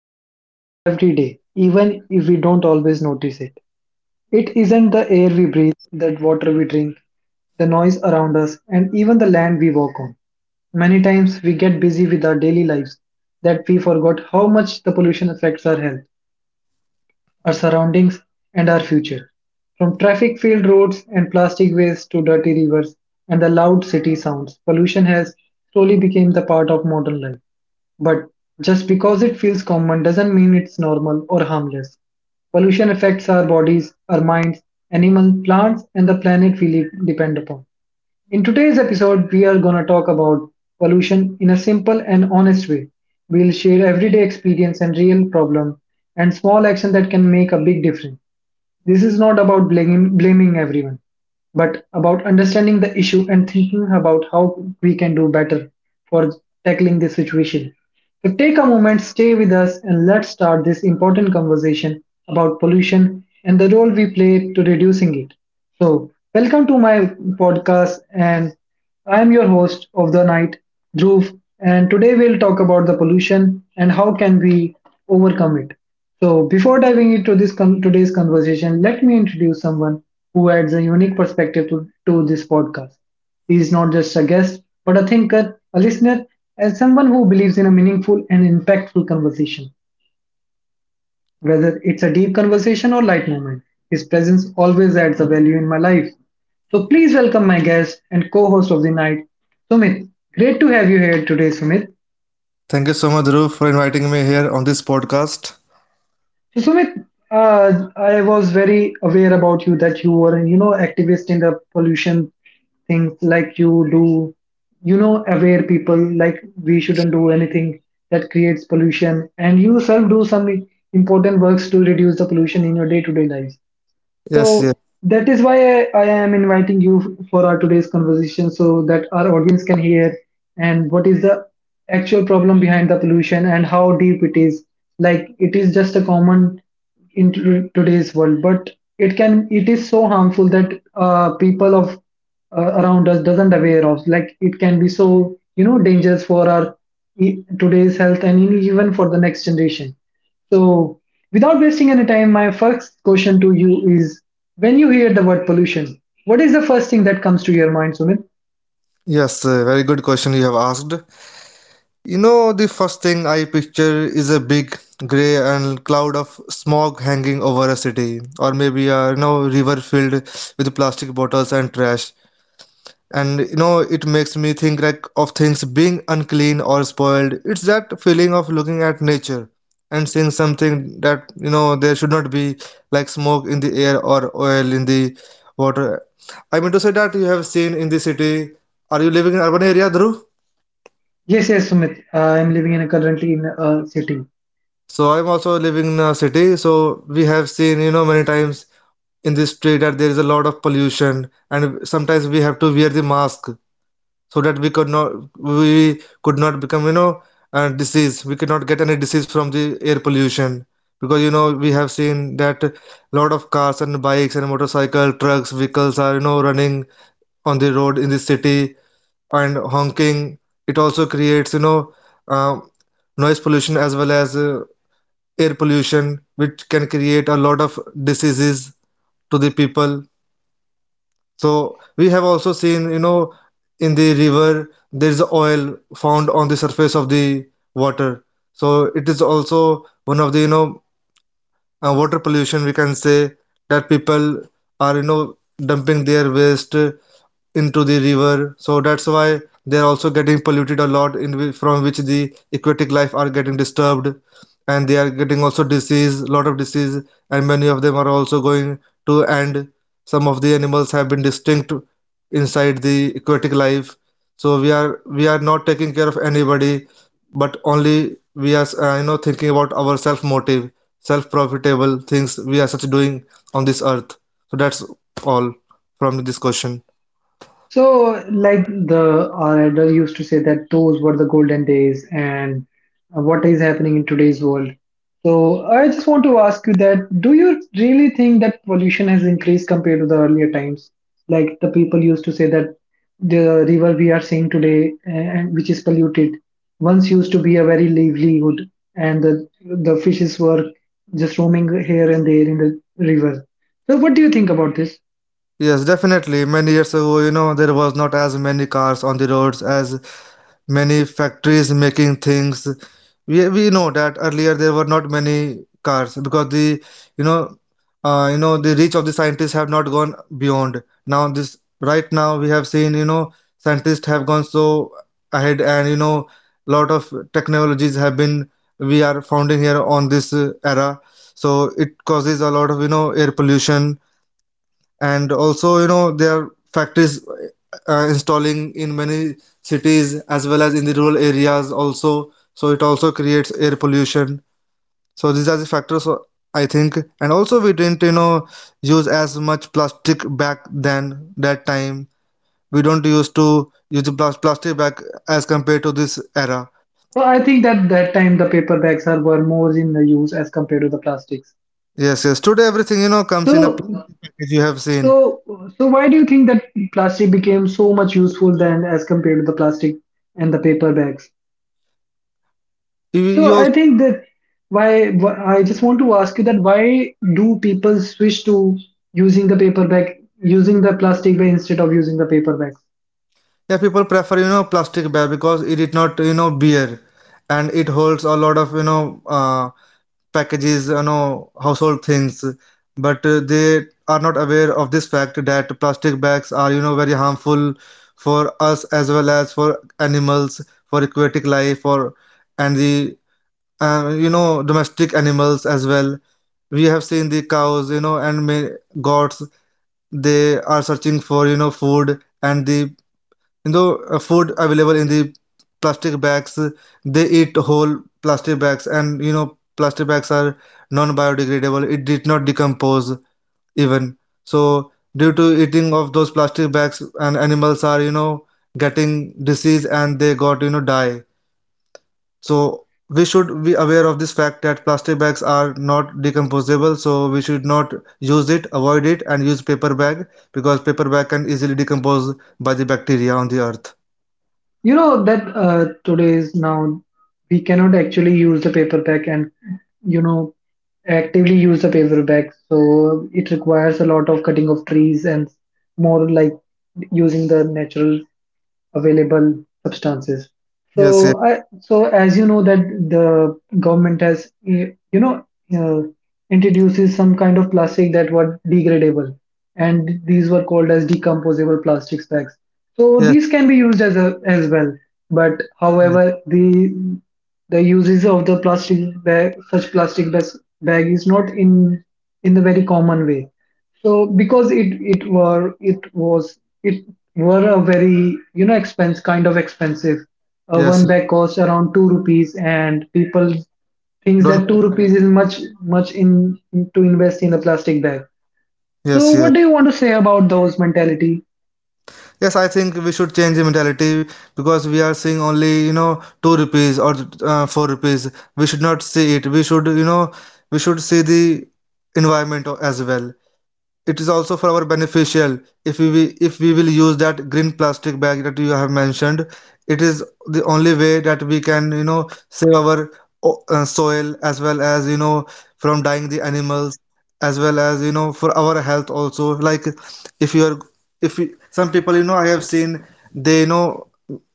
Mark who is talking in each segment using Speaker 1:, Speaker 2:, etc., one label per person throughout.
Speaker 1: live with every day, even if we don't always notice it. It isn't the air we breathe, the water we drink, the noise around us, and even the land we walk on. Many times we get busy with our daily lives that we forgot how much the pollution affects our health our surroundings, and our future. From traffic filled roads and plastic waste to dirty rivers and the loud city sounds, pollution has slowly become the part of modern life. But just because it feels common doesn't mean it's normal or harmless. Pollution affects our bodies, our minds, animals, plants, and the planet we live, depend upon. In today's episode, we are going to talk about pollution in a simple and honest way. We'll share everyday experience and real problem and small action that can make a big difference. This is not about blaming everyone, but about understanding the issue and thinking about how we can do better for tackling this situation. So take a moment, stay with us, and let's start this important conversation about pollution and the role we play to reducing it. So, welcome to my podcast, and I am your host of the night, Dhruv, and today we'll talk about the pollution and how can we overcome it. So, before diving into today's conversation, let me introduce someone who adds a unique perspective to this podcast. He is not just a guest, but a thinker, a listener, and someone who believes in a meaningful and impactful conversation. Whether it's a deep conversation or light moment, his presence always adds a value in my life. So please welcome my guest and co-host of the night, Sumit. Great to have you here today, Sumit.
Speaker 2: Thank you so much, Dhruv, for inviting me here on this podcast.
Speaker 1: So Sumit, I was very aware about you that you were, you know, activist in the pollution things like you do, you know, aware people like we shouldn't do anything that creates pollution, and you yourself do some important works to reduce the pollution in your day-to-day lives.
Speaker 2: Yes, yes,
Speaker 1: So that is why I am inviting you for our today's conversation so that our audience can hear and what is the actual problem behind the pollution and how deep it is. Like it is just a common in today's world, but it is so harmful that people of around us doesn't aware of. Like it can be so you know dangerous for our today's health and even for the next generation. So, without wasting any time, my first question to you is when you hear the word pollution, what is the first thing that comes to your mind, Sumit?
Speaker 2: yes, very good question you have asked. You know, the first thing I picture is a big grey and cloud of smog hanging over a city, or maybe a river filled with plastic bottles and trash. And it makes me think like of things being unclean or spoiled. It's that feeling of looking at nature and seeing something that there should not be, like smoke in the air or oil in the water. I mean to say that you have seen in the city, are you living in urban area, Dhruv?
Speaker 1: Yes, yes, Sumit. I am living in a currently in a city.
Speaker 2: So I'm also living in a city, so we have seen, you know, many times in this street that there is a lot of pollution, and sometimes we have to wear the mask so that we could not, we could not become, disease, we could not get any disease from the air pollution. Because you know we have seen that a lot of cars and bikes and motorcycle trucks vehicles are, you know, running on the road in the city and honking. It also creates, uh, noise pollution as well as, air pollution, which can create a lot of diseases to the people. So we have also seen, you know, in the river there is oil found on the surface of the water. So it is also one of the, water pollution, we can say, that people are, you know, dumping their waste into the river. So that's why they're also getting polluted a lot, from which the aquatic life are getting disturbed, and they are getting also disease, lot of disease. And many of them are also going to end. Some of the animals have been distinct inside the aquatic life. So we are not taking care of anybody, but only we are, you know, thinking about our self motive, self profitable things we are such doing on this earth. So that's all from this question.
Speaker 1: So, like the our elder used to say that those were the golden days, and what is happening in today's world. So, I just want to ask you that: do you really think that pollution has increased compared to the earlier times? Like the people used to say that the river we are seeing today, and which is polluted, once used to be a very livelihood, and the fishes were just roaming here and there in the river. So, what do you think about this?
Speaker 2: Yes, definitely. Many years ago, you know, there was not as many cars on the roads as many factories making things. We know that earlier there were not many cars because the, you know you know, the reach of the scientists have not gone beyond. Now this right now we have seen, you know, scientists have gone so ahead, and you know lot of technologies have been, we are founding here on this, era. So it causes a lot of, you know, air pollution. And also you know there are factories installing in many cities as well as in the rural areas also, so it also creates air pollution. So these are the factors, I think. And also we didn't, you know, use as much plastic back then, that time we don't used to use the plastic back as compared to this era.
Speaker 1: So I think that that time the paper bags are were more in the use as compared to the plastics.
Speaker 2: Yes, yes, today everything, you know, comes in a
Speaker 1: So
Speaker 2: plastic package, you have seen.
Speaker 1: so so why do you think that plastic became so much useful then as compared to the plastic and the paper bags?
Speaker 2: you,
Speaker 1: So
Speaker 2: you
Speaker 1: I think that I just want to ask you that why do people switch to using the paper bag using the plastic bag instead of using the paper bag?
Speaker 2: Yeah, people prefer, you know, plastic bag because it did not, you know, bear, and it holds a lot of, packages, you know, household things. But they are not aware of this fact that plastic bags are, you know, very harmful for us as well as for animals, for aquatic life, or and the, you know, domestic animals as well. We have seen the cows, you know, and may goats, they are searching for, you know, food, and the food available in the plastic bags, they eat whole plastic bags. And you know plastic bags are non-biodegradable, it did not decompose even. So due to eating of those plastic bags and animals are, you know, getting disease, and they got, you know, die. So we should be aware of this fact that plastic bags are not decomposable, so we should not use it, avoid it, and use paper bag, because paper bag can easily decompose by the bacteria on the earth.
Speaker 1: You know that today's now we cannot actually use the paper bag and you know actively use the paper bag. So it requires a lot of cutting of trees and more like using the natural available substances.
Speaker 2: Yes, yes.
Speaker 1: So as you know that the government has, eh, you know, uh, introduces some kind of plastic that were degradable, and these were called as decomposable plastics bags. So
Speaker 2: Yes,
Speaker 1: these can be used as a, as well, but
Speaker 2: yes,
Speaker 1: however, the uses of the plastic bag, such bag is not in in the very common way. So because it was it were a very you know expense kind of expensive. One
Speaker 2: yes. Yes.
Speaker 1: bag costs around two rupees, and people thinks
Speaker 2: Don't
Speaker 1: that two
Speaker 2: pressure
Speaker 1: rupees
Speaker 2: it.
Speaker 1: is much in- to invest in a plastic bag. So,
Speaker 2: Yes, yes.
Speaker 1: what do you want to say about those mentality?
Speaker 2: Yes, I think we should change the mentality, because we are seeing only, you know, two rupees or four rupees. We should not see it. We should, you know, we should see the environment as well. It is also for our beneficial if we if we will use that green plastic bag that you have mentioned. It is the only way that we can, you know, save our soil, as well as, you know, from dying the animals, as well as, you know, for our health also. Like if you are, if you, some people, you know, I have seen they, you know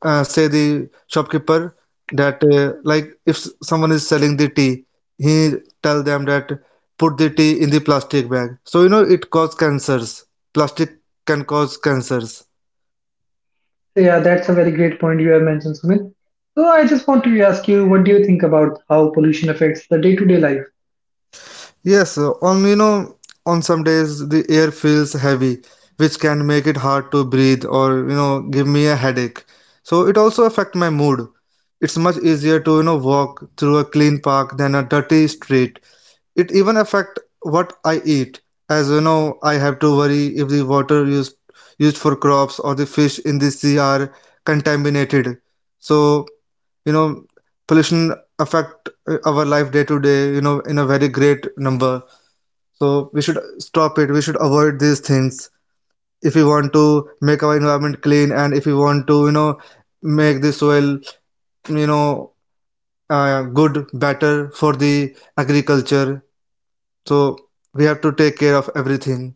Speaker 2: uh, say the shopkeeper that, like if someone is selling the tea, he tell them that put the tea in the plastic bag. So you know it causes cancers. Plastic can cause cancers.
Speaker 1: So, yeah, that's a very great point you have mentioned, Sumit. So, I just want to ask you, what do you think about how pollution affects the day-to-day life?
Speaker 2: Yes, on you know on some days the air feels heavy, which can make it hard to breathe or, you know, give me a headache. So it also affect my mood. It's much easier to, you know, walk through a clean park than a dirty street. It even affect what I eat, as you know I have to worry if the water used for crops or the fish in the sea are contaminated. So you know pollution affect, our life day to day, you know, in a very great number. So we should stop it, we should avoid these things, if we want to make our environment clean, and if we want to, you know, make the soil, you know good, better for the agriculture. So we have to take care of everything.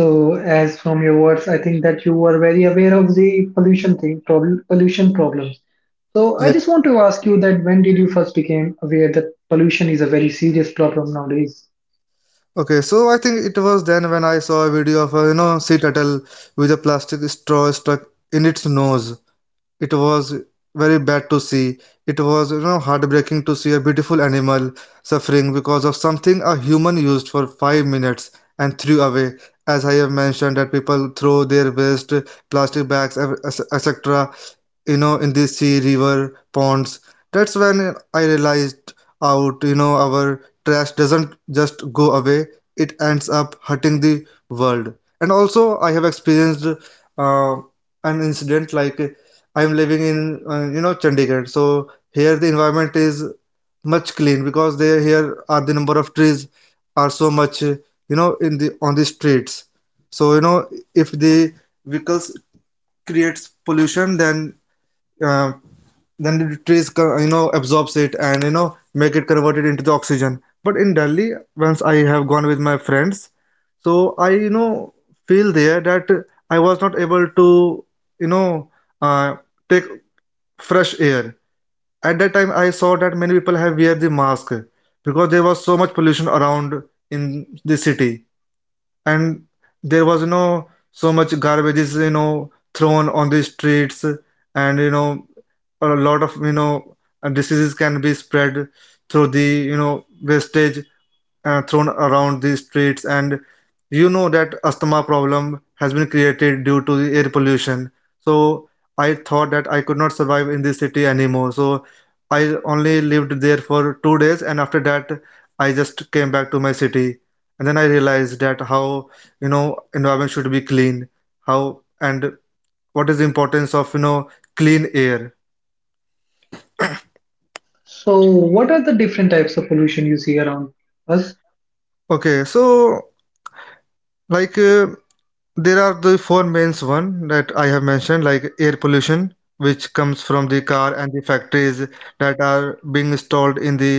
Speaker 1: So, as from your words, I think that you were very aware of the pollution thing, problem, pollution problems. So, I just
Speaker 2: Yes.
Speaker 1: want to ask you that when did you first became aware that pollution is a very serious problem nowadays?
Speaker 2: Okay, so I think it was then when I saw a video of a, you know, sea turtle with a plastic straw stuck in its nose. It was very bad to see. It was, you know, heartbreaking to see a beautiful animal suffering because of something a human used for 5 minutes and threw away. As I have mentioned, that people throw their waste, plastic bags, etc, you know, in the sea, river, ponds. That's when I realized out, you know, our trash doesn't just go away, it ends up hurting the world. And also I have experienced, an incident like I'm living in, you know, Chandigarh, so here the environment is much clean because there here are the number of trees are so much, you know, in the on the streets. So you know if the vehicles creates pollution, then, uh, then the you know, absorbs it, and you know make it converted into the oxygen. But in Delhi once I have gone with my friends, so I, you know, feel there that I was not able to, you know uh, take fresh air. At that time I saw that many people have wear the mask because there was so much pollution around in the city. And there was no so much garbage, you know, thrown on the streets. And you know a lot of, diseases can be spread through the, you know, wastage thrown around the streets. And you know that asthma problem has been created due to the air pollution. So I thought that I could not survive in this city anymore, so I only lived there for 2 days, and after that I just came back to my city. And then I realized that how, you know, environment should be clean, how, and what is the importance of, you know, clean air.
Speaker 1: So, what are the different types of pollution you see around us?
Speaker 2: Okay, so like, there are the four main one that I have mentioned, like air pollution, which comes from the car and the factories that are being installed in the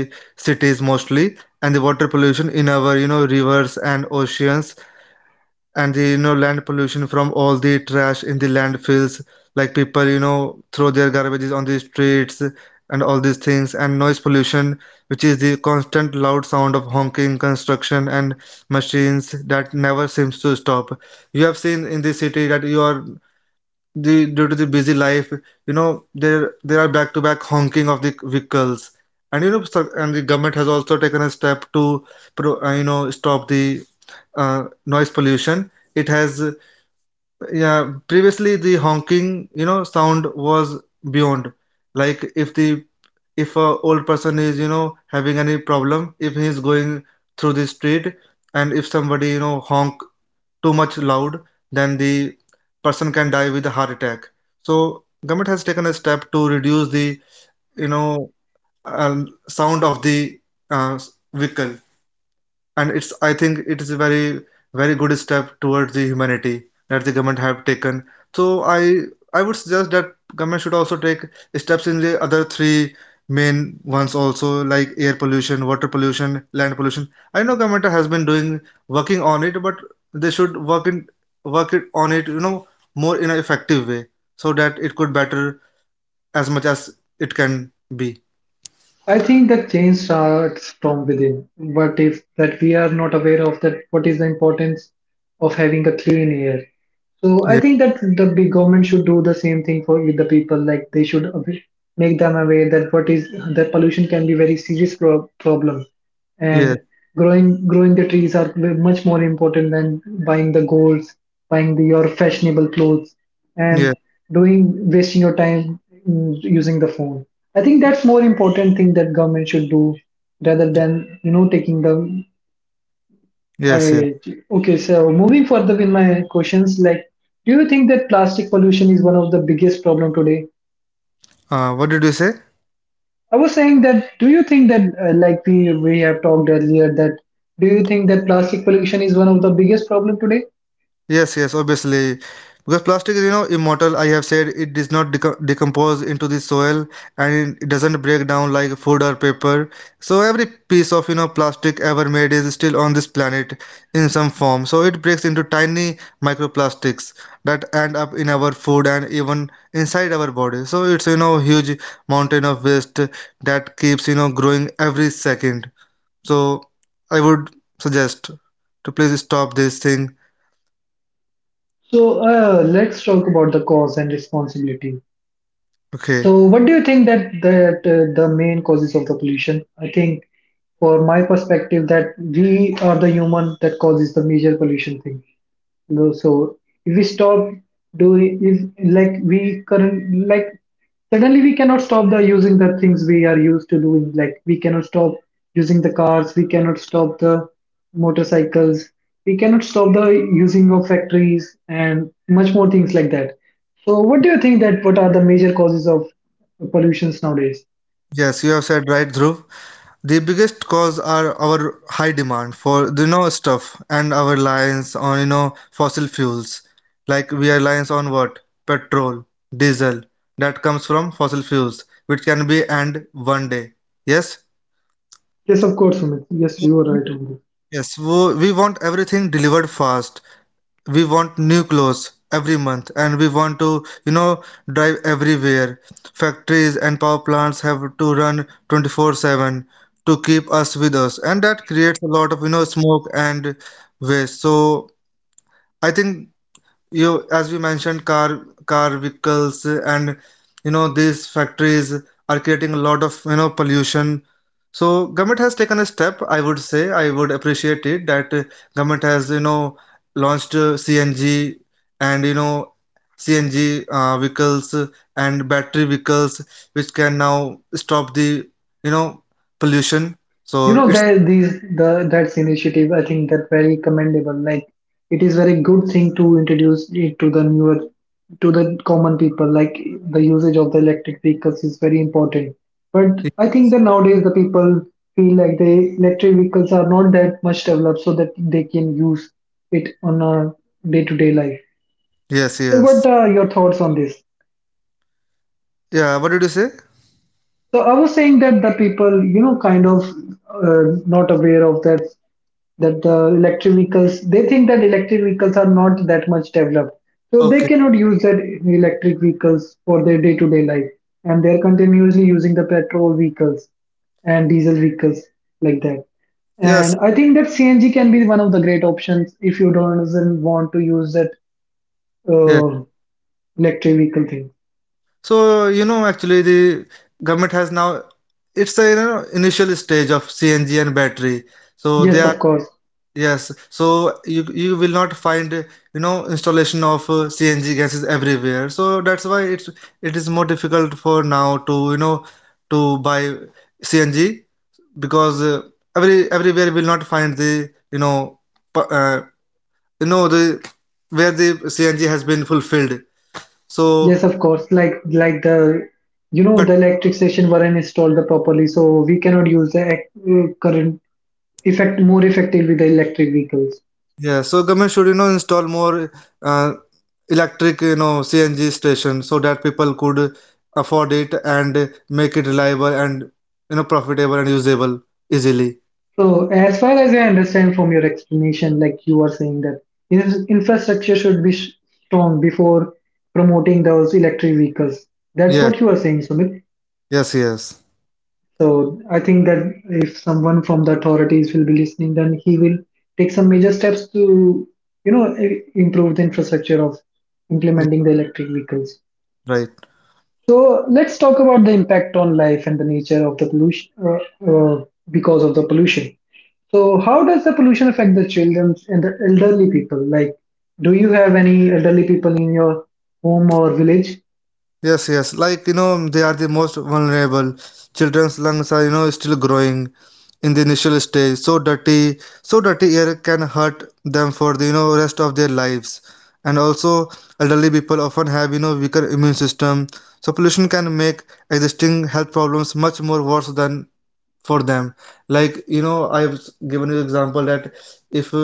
Speaker 2: cities mostly. And the water pollution in our, you know, rivers and oceans. And the, you know, land pollution from all the trash in the landfills, like people, you know, throw their garbages on the streets and all these things. And noise pollution, which is the constant loud sound of honking, construction and machines that never seems to stop. You have seen in the city that you are, the due to the busy life, you know, there are back-to-back honking of the vehicles. And you know, and the government has also taken a step to, you know, stop the, noise pollution. It has, yeah, previously the honking, you know, sound was beyond. Like if the, if a old person is, you know, having any problem, if he is going through the street, and if somebody, you know, honk too much loud, then the person can die with a heart attack. So government has taken a step to reduce the you know sound of the uh, vehicle. And it's I think it is a very very good step towards the humanity that the government have taken. So i I would suggest that government should also take steps in the other three main ones also, like air pollution, water pollution, land pollution. I know government has been doing working on it, but they should work in work it on it, more in an effective way so that it could better as much as it can be.
Speaker 1: I think that change starts from within. But if that we are not aware of that, what is the importance of having a clean air? So I
Speaker 2: Yeah,
Speaker 1: think that the big government should do the same thing for with the people. Like make them aware that what is that pollution can be very serious problem, and
Speaker 2: yeah,
Speaker 1: growing the trees are much more important than buying the golds, buying the, your fashionable clothes,
Speaker 2: yeah.
Speaker 1: and doing wasting your time using the phone. I think that's more important thing that government should do rather than you know taking the
Speaker 2: Yes, yeah.
Speaker 1: I Okay, so moving further with my questions, like, do you think that plastic pollution is one of the biggest problem today?
Speaker 2: What did you say?
Speaker 1: I was saying that, do you think that, like we have talked earlier, that do you think that plastic pollution is one of the biggest problem today?
Speaker 2: Yes, yes, obviously. Because plastic is, you know, immortal. I have said it does not decompose into the soil, and it doesn't break down like food or paper. So every piece of, you know, plastic ever made is still on this planet in some form. So it breaks into tiny microplastics that end up in our food and even inside our body. So it's, you know, huge mountain of waste that keeps, you know, growing every second. So I would suggest to please stop this thing.
Speaker 1: So let's talk about the cause and responsibility.
Speaker 2: Okay.
Speaker 1: So what do you think that that the main causes of the pollution? I think, for my perspective, that we are the human that causes the major pollution thing. No, so if we stop doing, if like we current like suddenly we cannot stop the using the things we are used to doing. Like we cannot stop using the cars, we cannot stop the motorcycles, we cannot stop the using of factories and much more things like that. So what do you think that what are the major causes of pollutions nowadays?
Speaker 2: Yes, you have said right, Dhruv. The biggest cause are our high demand for the you know stuff and our reliance on you know fossil fuels. Like we are reliance on what? Petrol, diesel. That comes from fossil fuels, which can be end one day. Yes.
Speaker 1: Yes, of course, Sumit. Yes, you are right on this.
Speaker 2: Yes, we want everything delivered fast. We want new clothes every month, and we want to you know drive everywhere. Factories and power plants have to run 24/7 to keep us with us, and that creates a lot of you know smoke and waste. So I think, you as you mentioned car vehicles, and you know these factories are creating a lot of you know pollution. So government has taken a step. I would say, I would appreciate it that government has you know launched, CNG, and you know CNG, vehicles, and battery vehicles, which can now stop the you know pollution.
Speaker 1: You
Speaker 2: So
Speaker 1: know
Speaker 2: it's...
Speaker 1: that these the that's initiative. I think that very commendable. Like it is very good thing to introduce it to the newer to the common people. Like the usage of the electric vehicles is very important. But I think that nowadays the people feel like the electric vehicles are not that much developed so that they can use it on a day to day life.
Speaker 2: Yes,
Speaker 1: So
Speaker 2: yes.
Speaker 1: what are your thoughts on this?
Speaker 2: Yeah, what did you say?
Speaker 1: So I was saying that the people, you know, kind of not aware of that that the electric vehicles they think that electric vehicles are not that much developed, so they
Speaker 2: Okay.
Speaker 1: cannot use that electric vehicles for their day-to-day life, and they're continuously using the petrol vehicles and diesel vehicles like that. And
Speaker 2: Yes.
Speaker 1: I think that CNG can be one of the great options if you don't doesn't want to use that uh, electric vehicle thing.
Speaker 2: So, you know, actually, the government has now, it's a you know initial stage of CNG and battery. So they
Speaker 1: Yes,
Speaker 2: are...
Speaker 1: of course.
Speaker 2: Yes. So you will not find you know installation of CNG gases everywhere. So that's why it is more difficult for now to you know to buy CNG because everywhere will not find the you know pu- uh, you know the where the CNG has been fulfilled. So...
Speaker 1: Yes, of course. Like the you know the electric station weren't installed properly, so we cannot use the current effect more effectively the electric vehicles.
Speaker 2: Yeah, so government should, you know, install more uh, electric, you know, CNG station so that people could afford it and make it reliable and, you know, profitable and usable easily.
Speaker 1: So as far as I understand from your explanation, like you are saying that infrastructure should be strong before promoting those electric vehicles. That's
Speaker 2: Yes,
Speaker 1: what you are saying, Sumit.
Speaker 2: yes, yes.
Speaker 1: So I think that if someone from the authorities will be listening, then he will take some major steps to, you know, improve the infrastructure of
Speaker 2: Yes.
Speaker 1: implementing the electric vehicles.
Speaker 2: Right.
Speaker 1: So let's talk about the impact on life and the nature of the pollution because of the pollution. So how does the pollution affect the children and the elderly people? Like, do you have any elderly people in your home or village?
Speaker 2: Yes, yes. Like, you know, they are the most vulnerable. Children's lungs are, you know, still growing in the initial stage. So dirty, air can hurt them for the, you know, rest of their lives. And also, elderly people often have, you know, weaker immune system. So pollution can make existing health problems much more worse than for them. Like, you know, I've given you example that if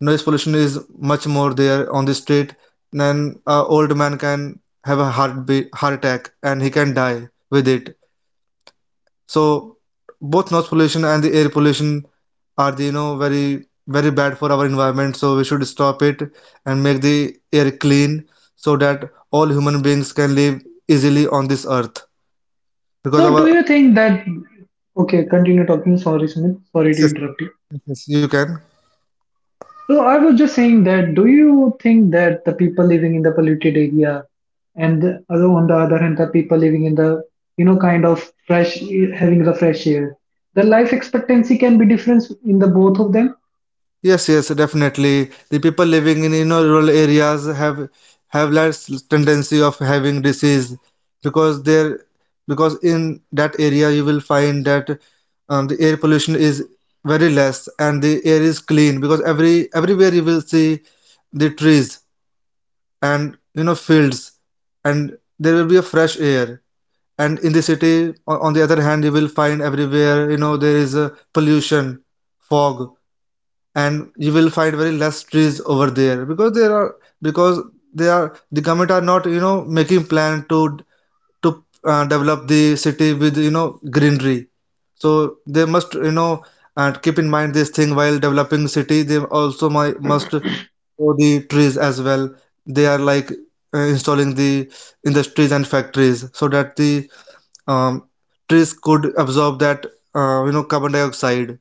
Speaker 2: noise pollution is much more there on the street, then a old man can have a heart attack and he can die with it. So both noise pollution and the air pollution are the you know very very bad for our environment. So we should stop it and make the air clean so that all human beings can live easily on this earth because
Speaker 1: So do
Speaker 2: our...
Speaker 1: you think that? Okay, continue talking. Sorry, Sumit. Sorry to
Speaker 2: Yes,
Speaker 1: interrupt you.
Speaker 2: yes, yes, you can.
Speaker 1: So I was just saying that, do you think that the people living in the polluted area and the other, on the other hand, the people living in the kind of fresh, having the fresh air, the life expectancy can be different in the both of them?
Speaker 2: Yes, yes, definitely. The people living in you know rural areas have less tendency of having disease because there, because in that area you will find that the air pollution is very less and the air is clean because everywhere you will see the trees and you know fields, and there will be a fresh air. And in the city, on the other hand, you will find everywhere you know there is a pollution, fog, and you will find very less trees over there because there are, because they are, the government are not you know making plan to develop the city with you know greenery. So they must you know, and keep in mind this thing while developing city. They also must grow the trees as well. They are like installing the industries and factories so that the um, trees could absorb that you know carbon dioxide.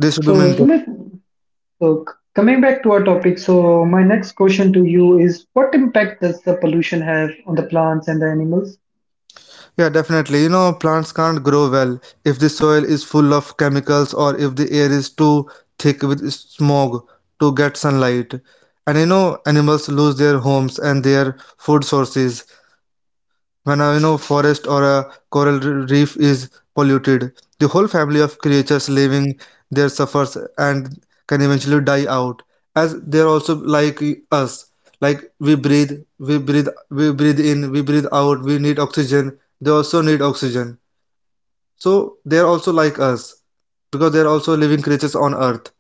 Speaker 2: They should be
Speaker 1: So
Speaker 2: maintained.
Speaker 1: Sumit, so coming back to our topic, so my next question to you is, what impact does the pollution have on the plants and the animals?
Speaker 2: Yeah, definitely. You know, plants can't grow well if the soil is full of chemicals or if the air is too thick with smog to get sunlight. And you know, animals lose their homes and their food sources. When a you know forest or a coral reef is polluted, the whole family of creatures living there suffers and can eventually die out, as they are also like us. Like we breathe in, we breathe out. We need oxygen, they also need oxygen. So they are also like us because they are also living creatures on earth.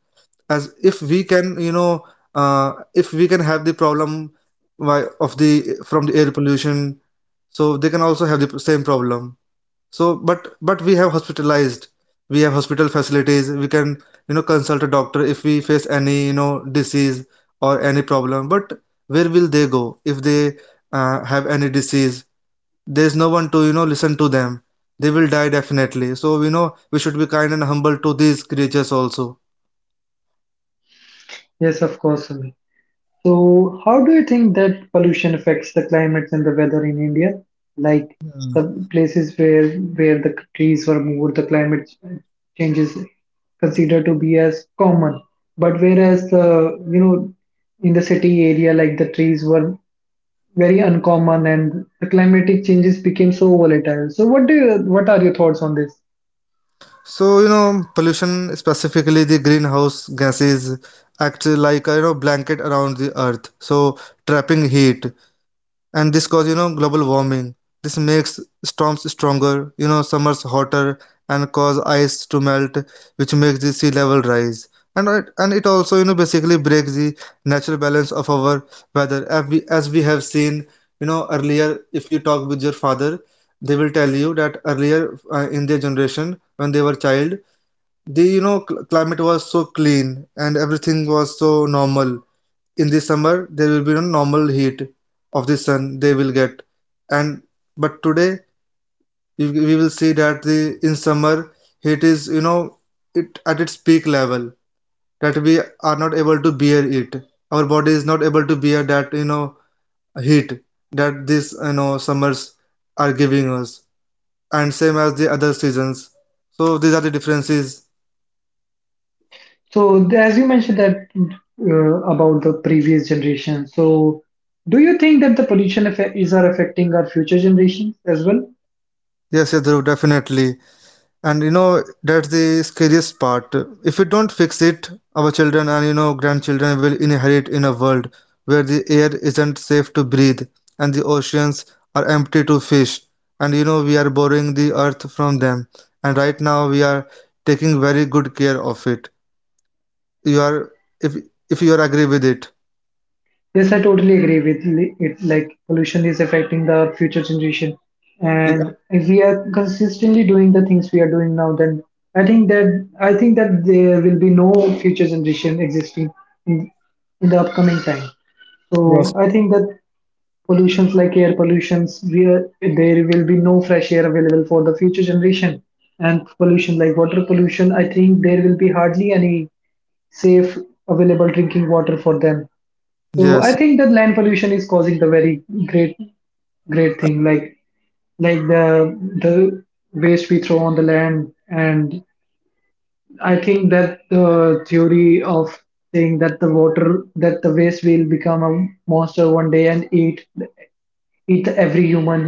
Speaker 2: As, if we can, you know, if we can have the problem, why of the from the air pollution, so they can also have the same problem. So but we have hospital facilities. We can you know consult a doctor if we face any you know disease or any problem. But where will they go if they have any disease? There's no one to you know listen to them. They will die definitely. So you know we should be kind and humble to these creatures also.
Speaker 1: Yes, of course, Sumit. So, how do you think that pollution affects the climates and the weather in India? Like the places where the trees were moved, the climate changes considered to be as common. But whereas the in the city area, like the trees were very uncommon and the climatic changes became so volatile. So, what do you, what are your thoughts on this?
Speaker 2: So, you know, pollution, specifically the greenhouse gases, act like a you know blanket around the earth, so trapping heat, and this cause you know global warming. This makes storms stronger, you know, summers hotter, and cause ice to melt, which makes the sea level rise. And it also you know basically breaks the natural balance of our weather, as we have seen, you know, earlier. If you talk with your father, they will tell you that earlier in their generation when they were child, the you know climate was so clean and everything was so normal. In the summer there will be no normal heat of the sun they will get. And but today we will see that the in summer, heat is you know it at its peak level, that we are not able to bear it. Our body is not able to bear that you know heat that these you know summers are giving us, and same as the other seasons. So these are the differences.
Speaker 1: So as you mentioned that about the previous generation, so do you think that the pollution effect is are affecting our future generations as well?
Speaker 2: Yes, yes, Dhruv, definitely. And you know that's the scariest part. If we don't fix it, our children and you know grandchildren will inherit in a world where the air isn't safe to breathe and the oceans are empty to fish. And you know we are borrowing the earth from them, and right now we are taking very good care of it. You are, if if you are agree with it.
Speaker 1: Yes, I totally agree with it. Like pollution is affecting the future generation,
Speaker 2: Yeah.
Speaker 1: and if we are consistently doing the things we are doing now, then I think that I think that there will be no future generation existing in, in the upcoming time.
Speaker 2: Yes,
Speaker 1: So I think that pollutions like air pollutions, where there will be no fresh air available for the future generation, and pollution like water pollution, I think there will be hardly any safe available drinking water for them. So I
Speaker 2: yes.
Speaker 1: think that land pollution is causing the very great thing like the waste we throw on the land. And I think that the theory of saying that the water that the waste will become a monster one day and eat with every human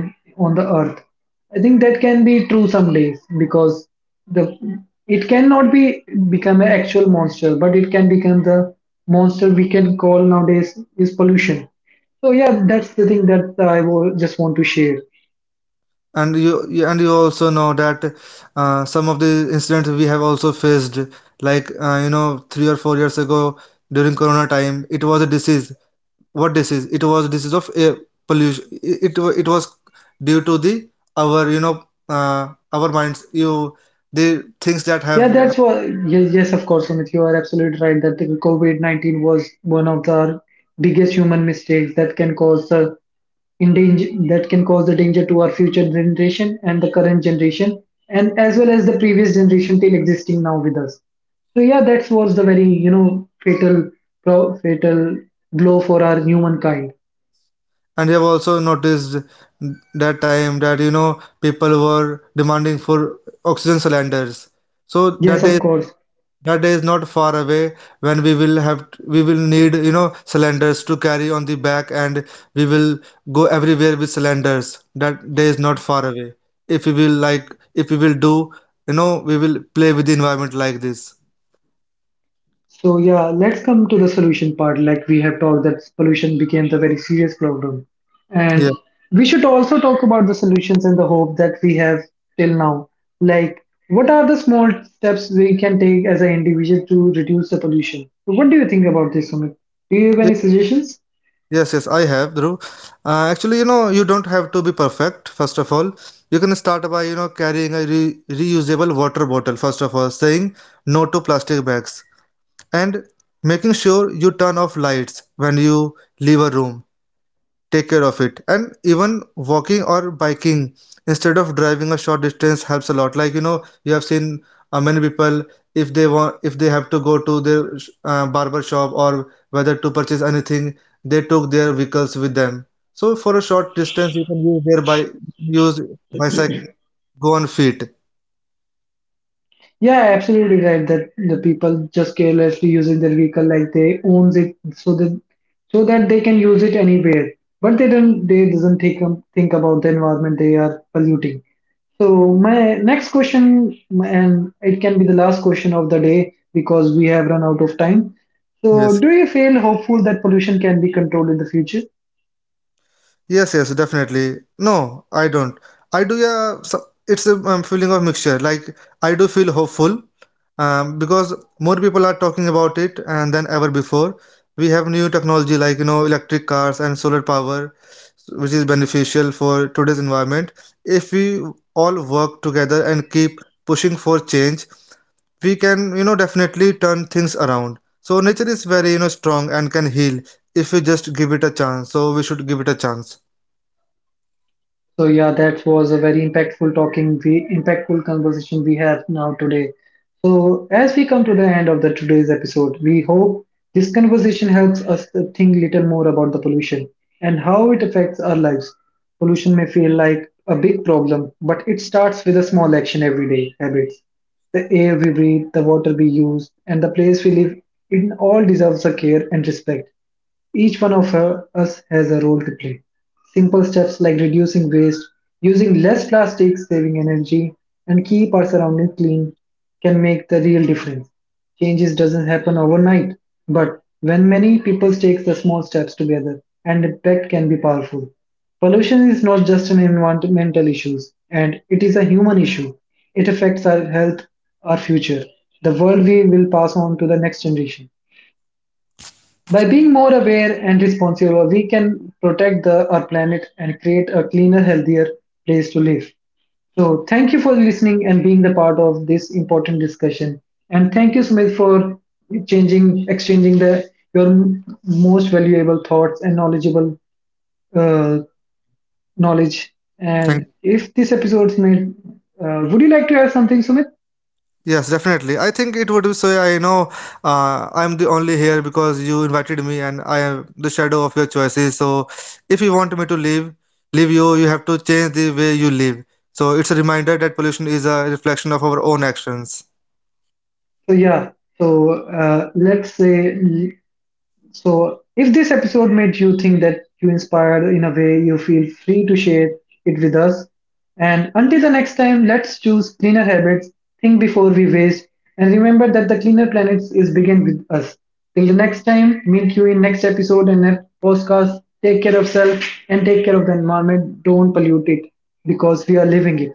Speaker 1: on the earth, I think that can be true some days, because the it cannot be become an actual monster, but it can become the monster we can call nowadays is pollution. So yeah, that's the thing that I will just want to share.
Speaker 2: And you also know that some of the incidents we have also faced, like you know 3 or 4 years ago during corona time. It was a disease. What disease? It was disease of air pollution. It was due to the our you know uh, our minds, you, the things that have
Speaker 1: Yeah, that's what. Yes, yes, of course, Amit, you are absolutely right that the COVID-19 was one of the biggest human mistakes that can cause the. In danger, that can cause the danger to our future generation and the current generation, and as well as the previous generation till existing now with us. So yeah, that was the very fatal fatal blow for our humankind.
Speaker 2: and you have also noticed that time that you know people were demanding for oxygen cylinders. So
Speaker 1: Yes,
Speaker 2: that
Speaker 1: of
Speaker 2: is...
Speaker 1: course.
Speaker 2: That day is not far away when we will need you know cylinders to carry on the back, and we will go everywhere with cylinders. That day is not far away. If we will, like, if we will do you know, we will play with the environment like this.
Speaker 1: So yeah, let's come to the solution part. Like we have talked that pollution becomes a very serious problem. And
Speaker 2: Yeah.
Speaker 1: we should also talk about the solutions and the hope that we have till now. Like what are the small steps we can take as an individual to reduce the pollution? So what do you think about this, Sumit? Do you have
Speaker 2: Yeah.
Speaker 1: any suggestions?
Speaker 2: Yes, yes, I have, Dhruv. Actually, you know, you don't have to be perfect, first of all. You can start by, you know, carrying a re reusable water bottle, first of all, saying no to plastic bags, and making sure you turn off lights when you leave a room. Take care of it. And even walking or biking instead of driving a short distance helps a lot. Like, you know, you have seen many people, if they have to go to their barber shop or whether to purchase anything, they took their vehicles with them. So for a short distance, you can use their use bicycle, go on feet.
Speaker 1: Yeah, absolutely right. That the people just carelessly using their vehicle like they owns it, so that so that they can use it anywhere. But they don't. They doesn't think about the environment they are polluting. So my next question, and it can be the last question of the day because we have run out of time. So
Speaker 2: Yes.
Speaker 1: do you feel hopeful that pollution can be controlled in the future?
Speaker 2: Yes, yes, definitely. No, I don't. I do, yeah. So it's a feeling of mixture. Like, I do feel hopeful because more people are talking about it and than ever before. We have new technology like, you know, electric cars and solar power, which is beneficial for today's environment. If we all work together and keep pushing for change, we can, you know, definitely turn things around. So, nature is very, you know, strong and can heal if we just give it a chance. So, we should give it a chance.
Speaker 1: So yeah, that was a very impactful talking, the impactful conversation we have now today. So as we come to the end of the today's episode, we hope this conversation helps us to think little more about the pollution and how it affects our lives. Pollution may feel like a big problem, but it starts with a small action every day habits. The air we breathe, the water we use, and the place we live, it all deserves a care and respect. Each one of us has a role to play. Simple steps like reducing waste, using less plastic, saving energy, and keep our surroundings clean can make the real difference. Changes doesn't happen overnight, but when many people take the small steps together, and impact can be powerful. Pollution is not just an environmental issue, and it is a human issue. It affects our health, our future, the world we will pass on to the next generation. By being more aware and responsible, we can protect the, our planet and create a cleaner, healthier place to live. So, thank you for listening and being the part of this important discussion. And thank you, Smith, for changing, exchanging the your most valuable thoughts and knowledgeable uh, knowledge. And
Speaker 2: Thank...
Speaker 1: if this episode's made, would you like to add something, Sumit?
Speaker 2: Yes, definitely. I think it would be so. I know, I'm the only here because you invited me, and I am the shadow of your choices. So, if you want me to leave, leave you, you have to change the way you live. So, it's a reminder that pollution is a reflection of our own actions.
Speaker 1: So yeah, so let's say. So, if this episode made you think that you inspired in a way, you feel free to share it with us. And until the next time, let's choose cleaner habits, think before we waste, and remember that the cleaner planets is begin with us. Till the next time, meet you in next episode and next podcast. Take care of self and take care of the environment. Don't pollute it because we are living it.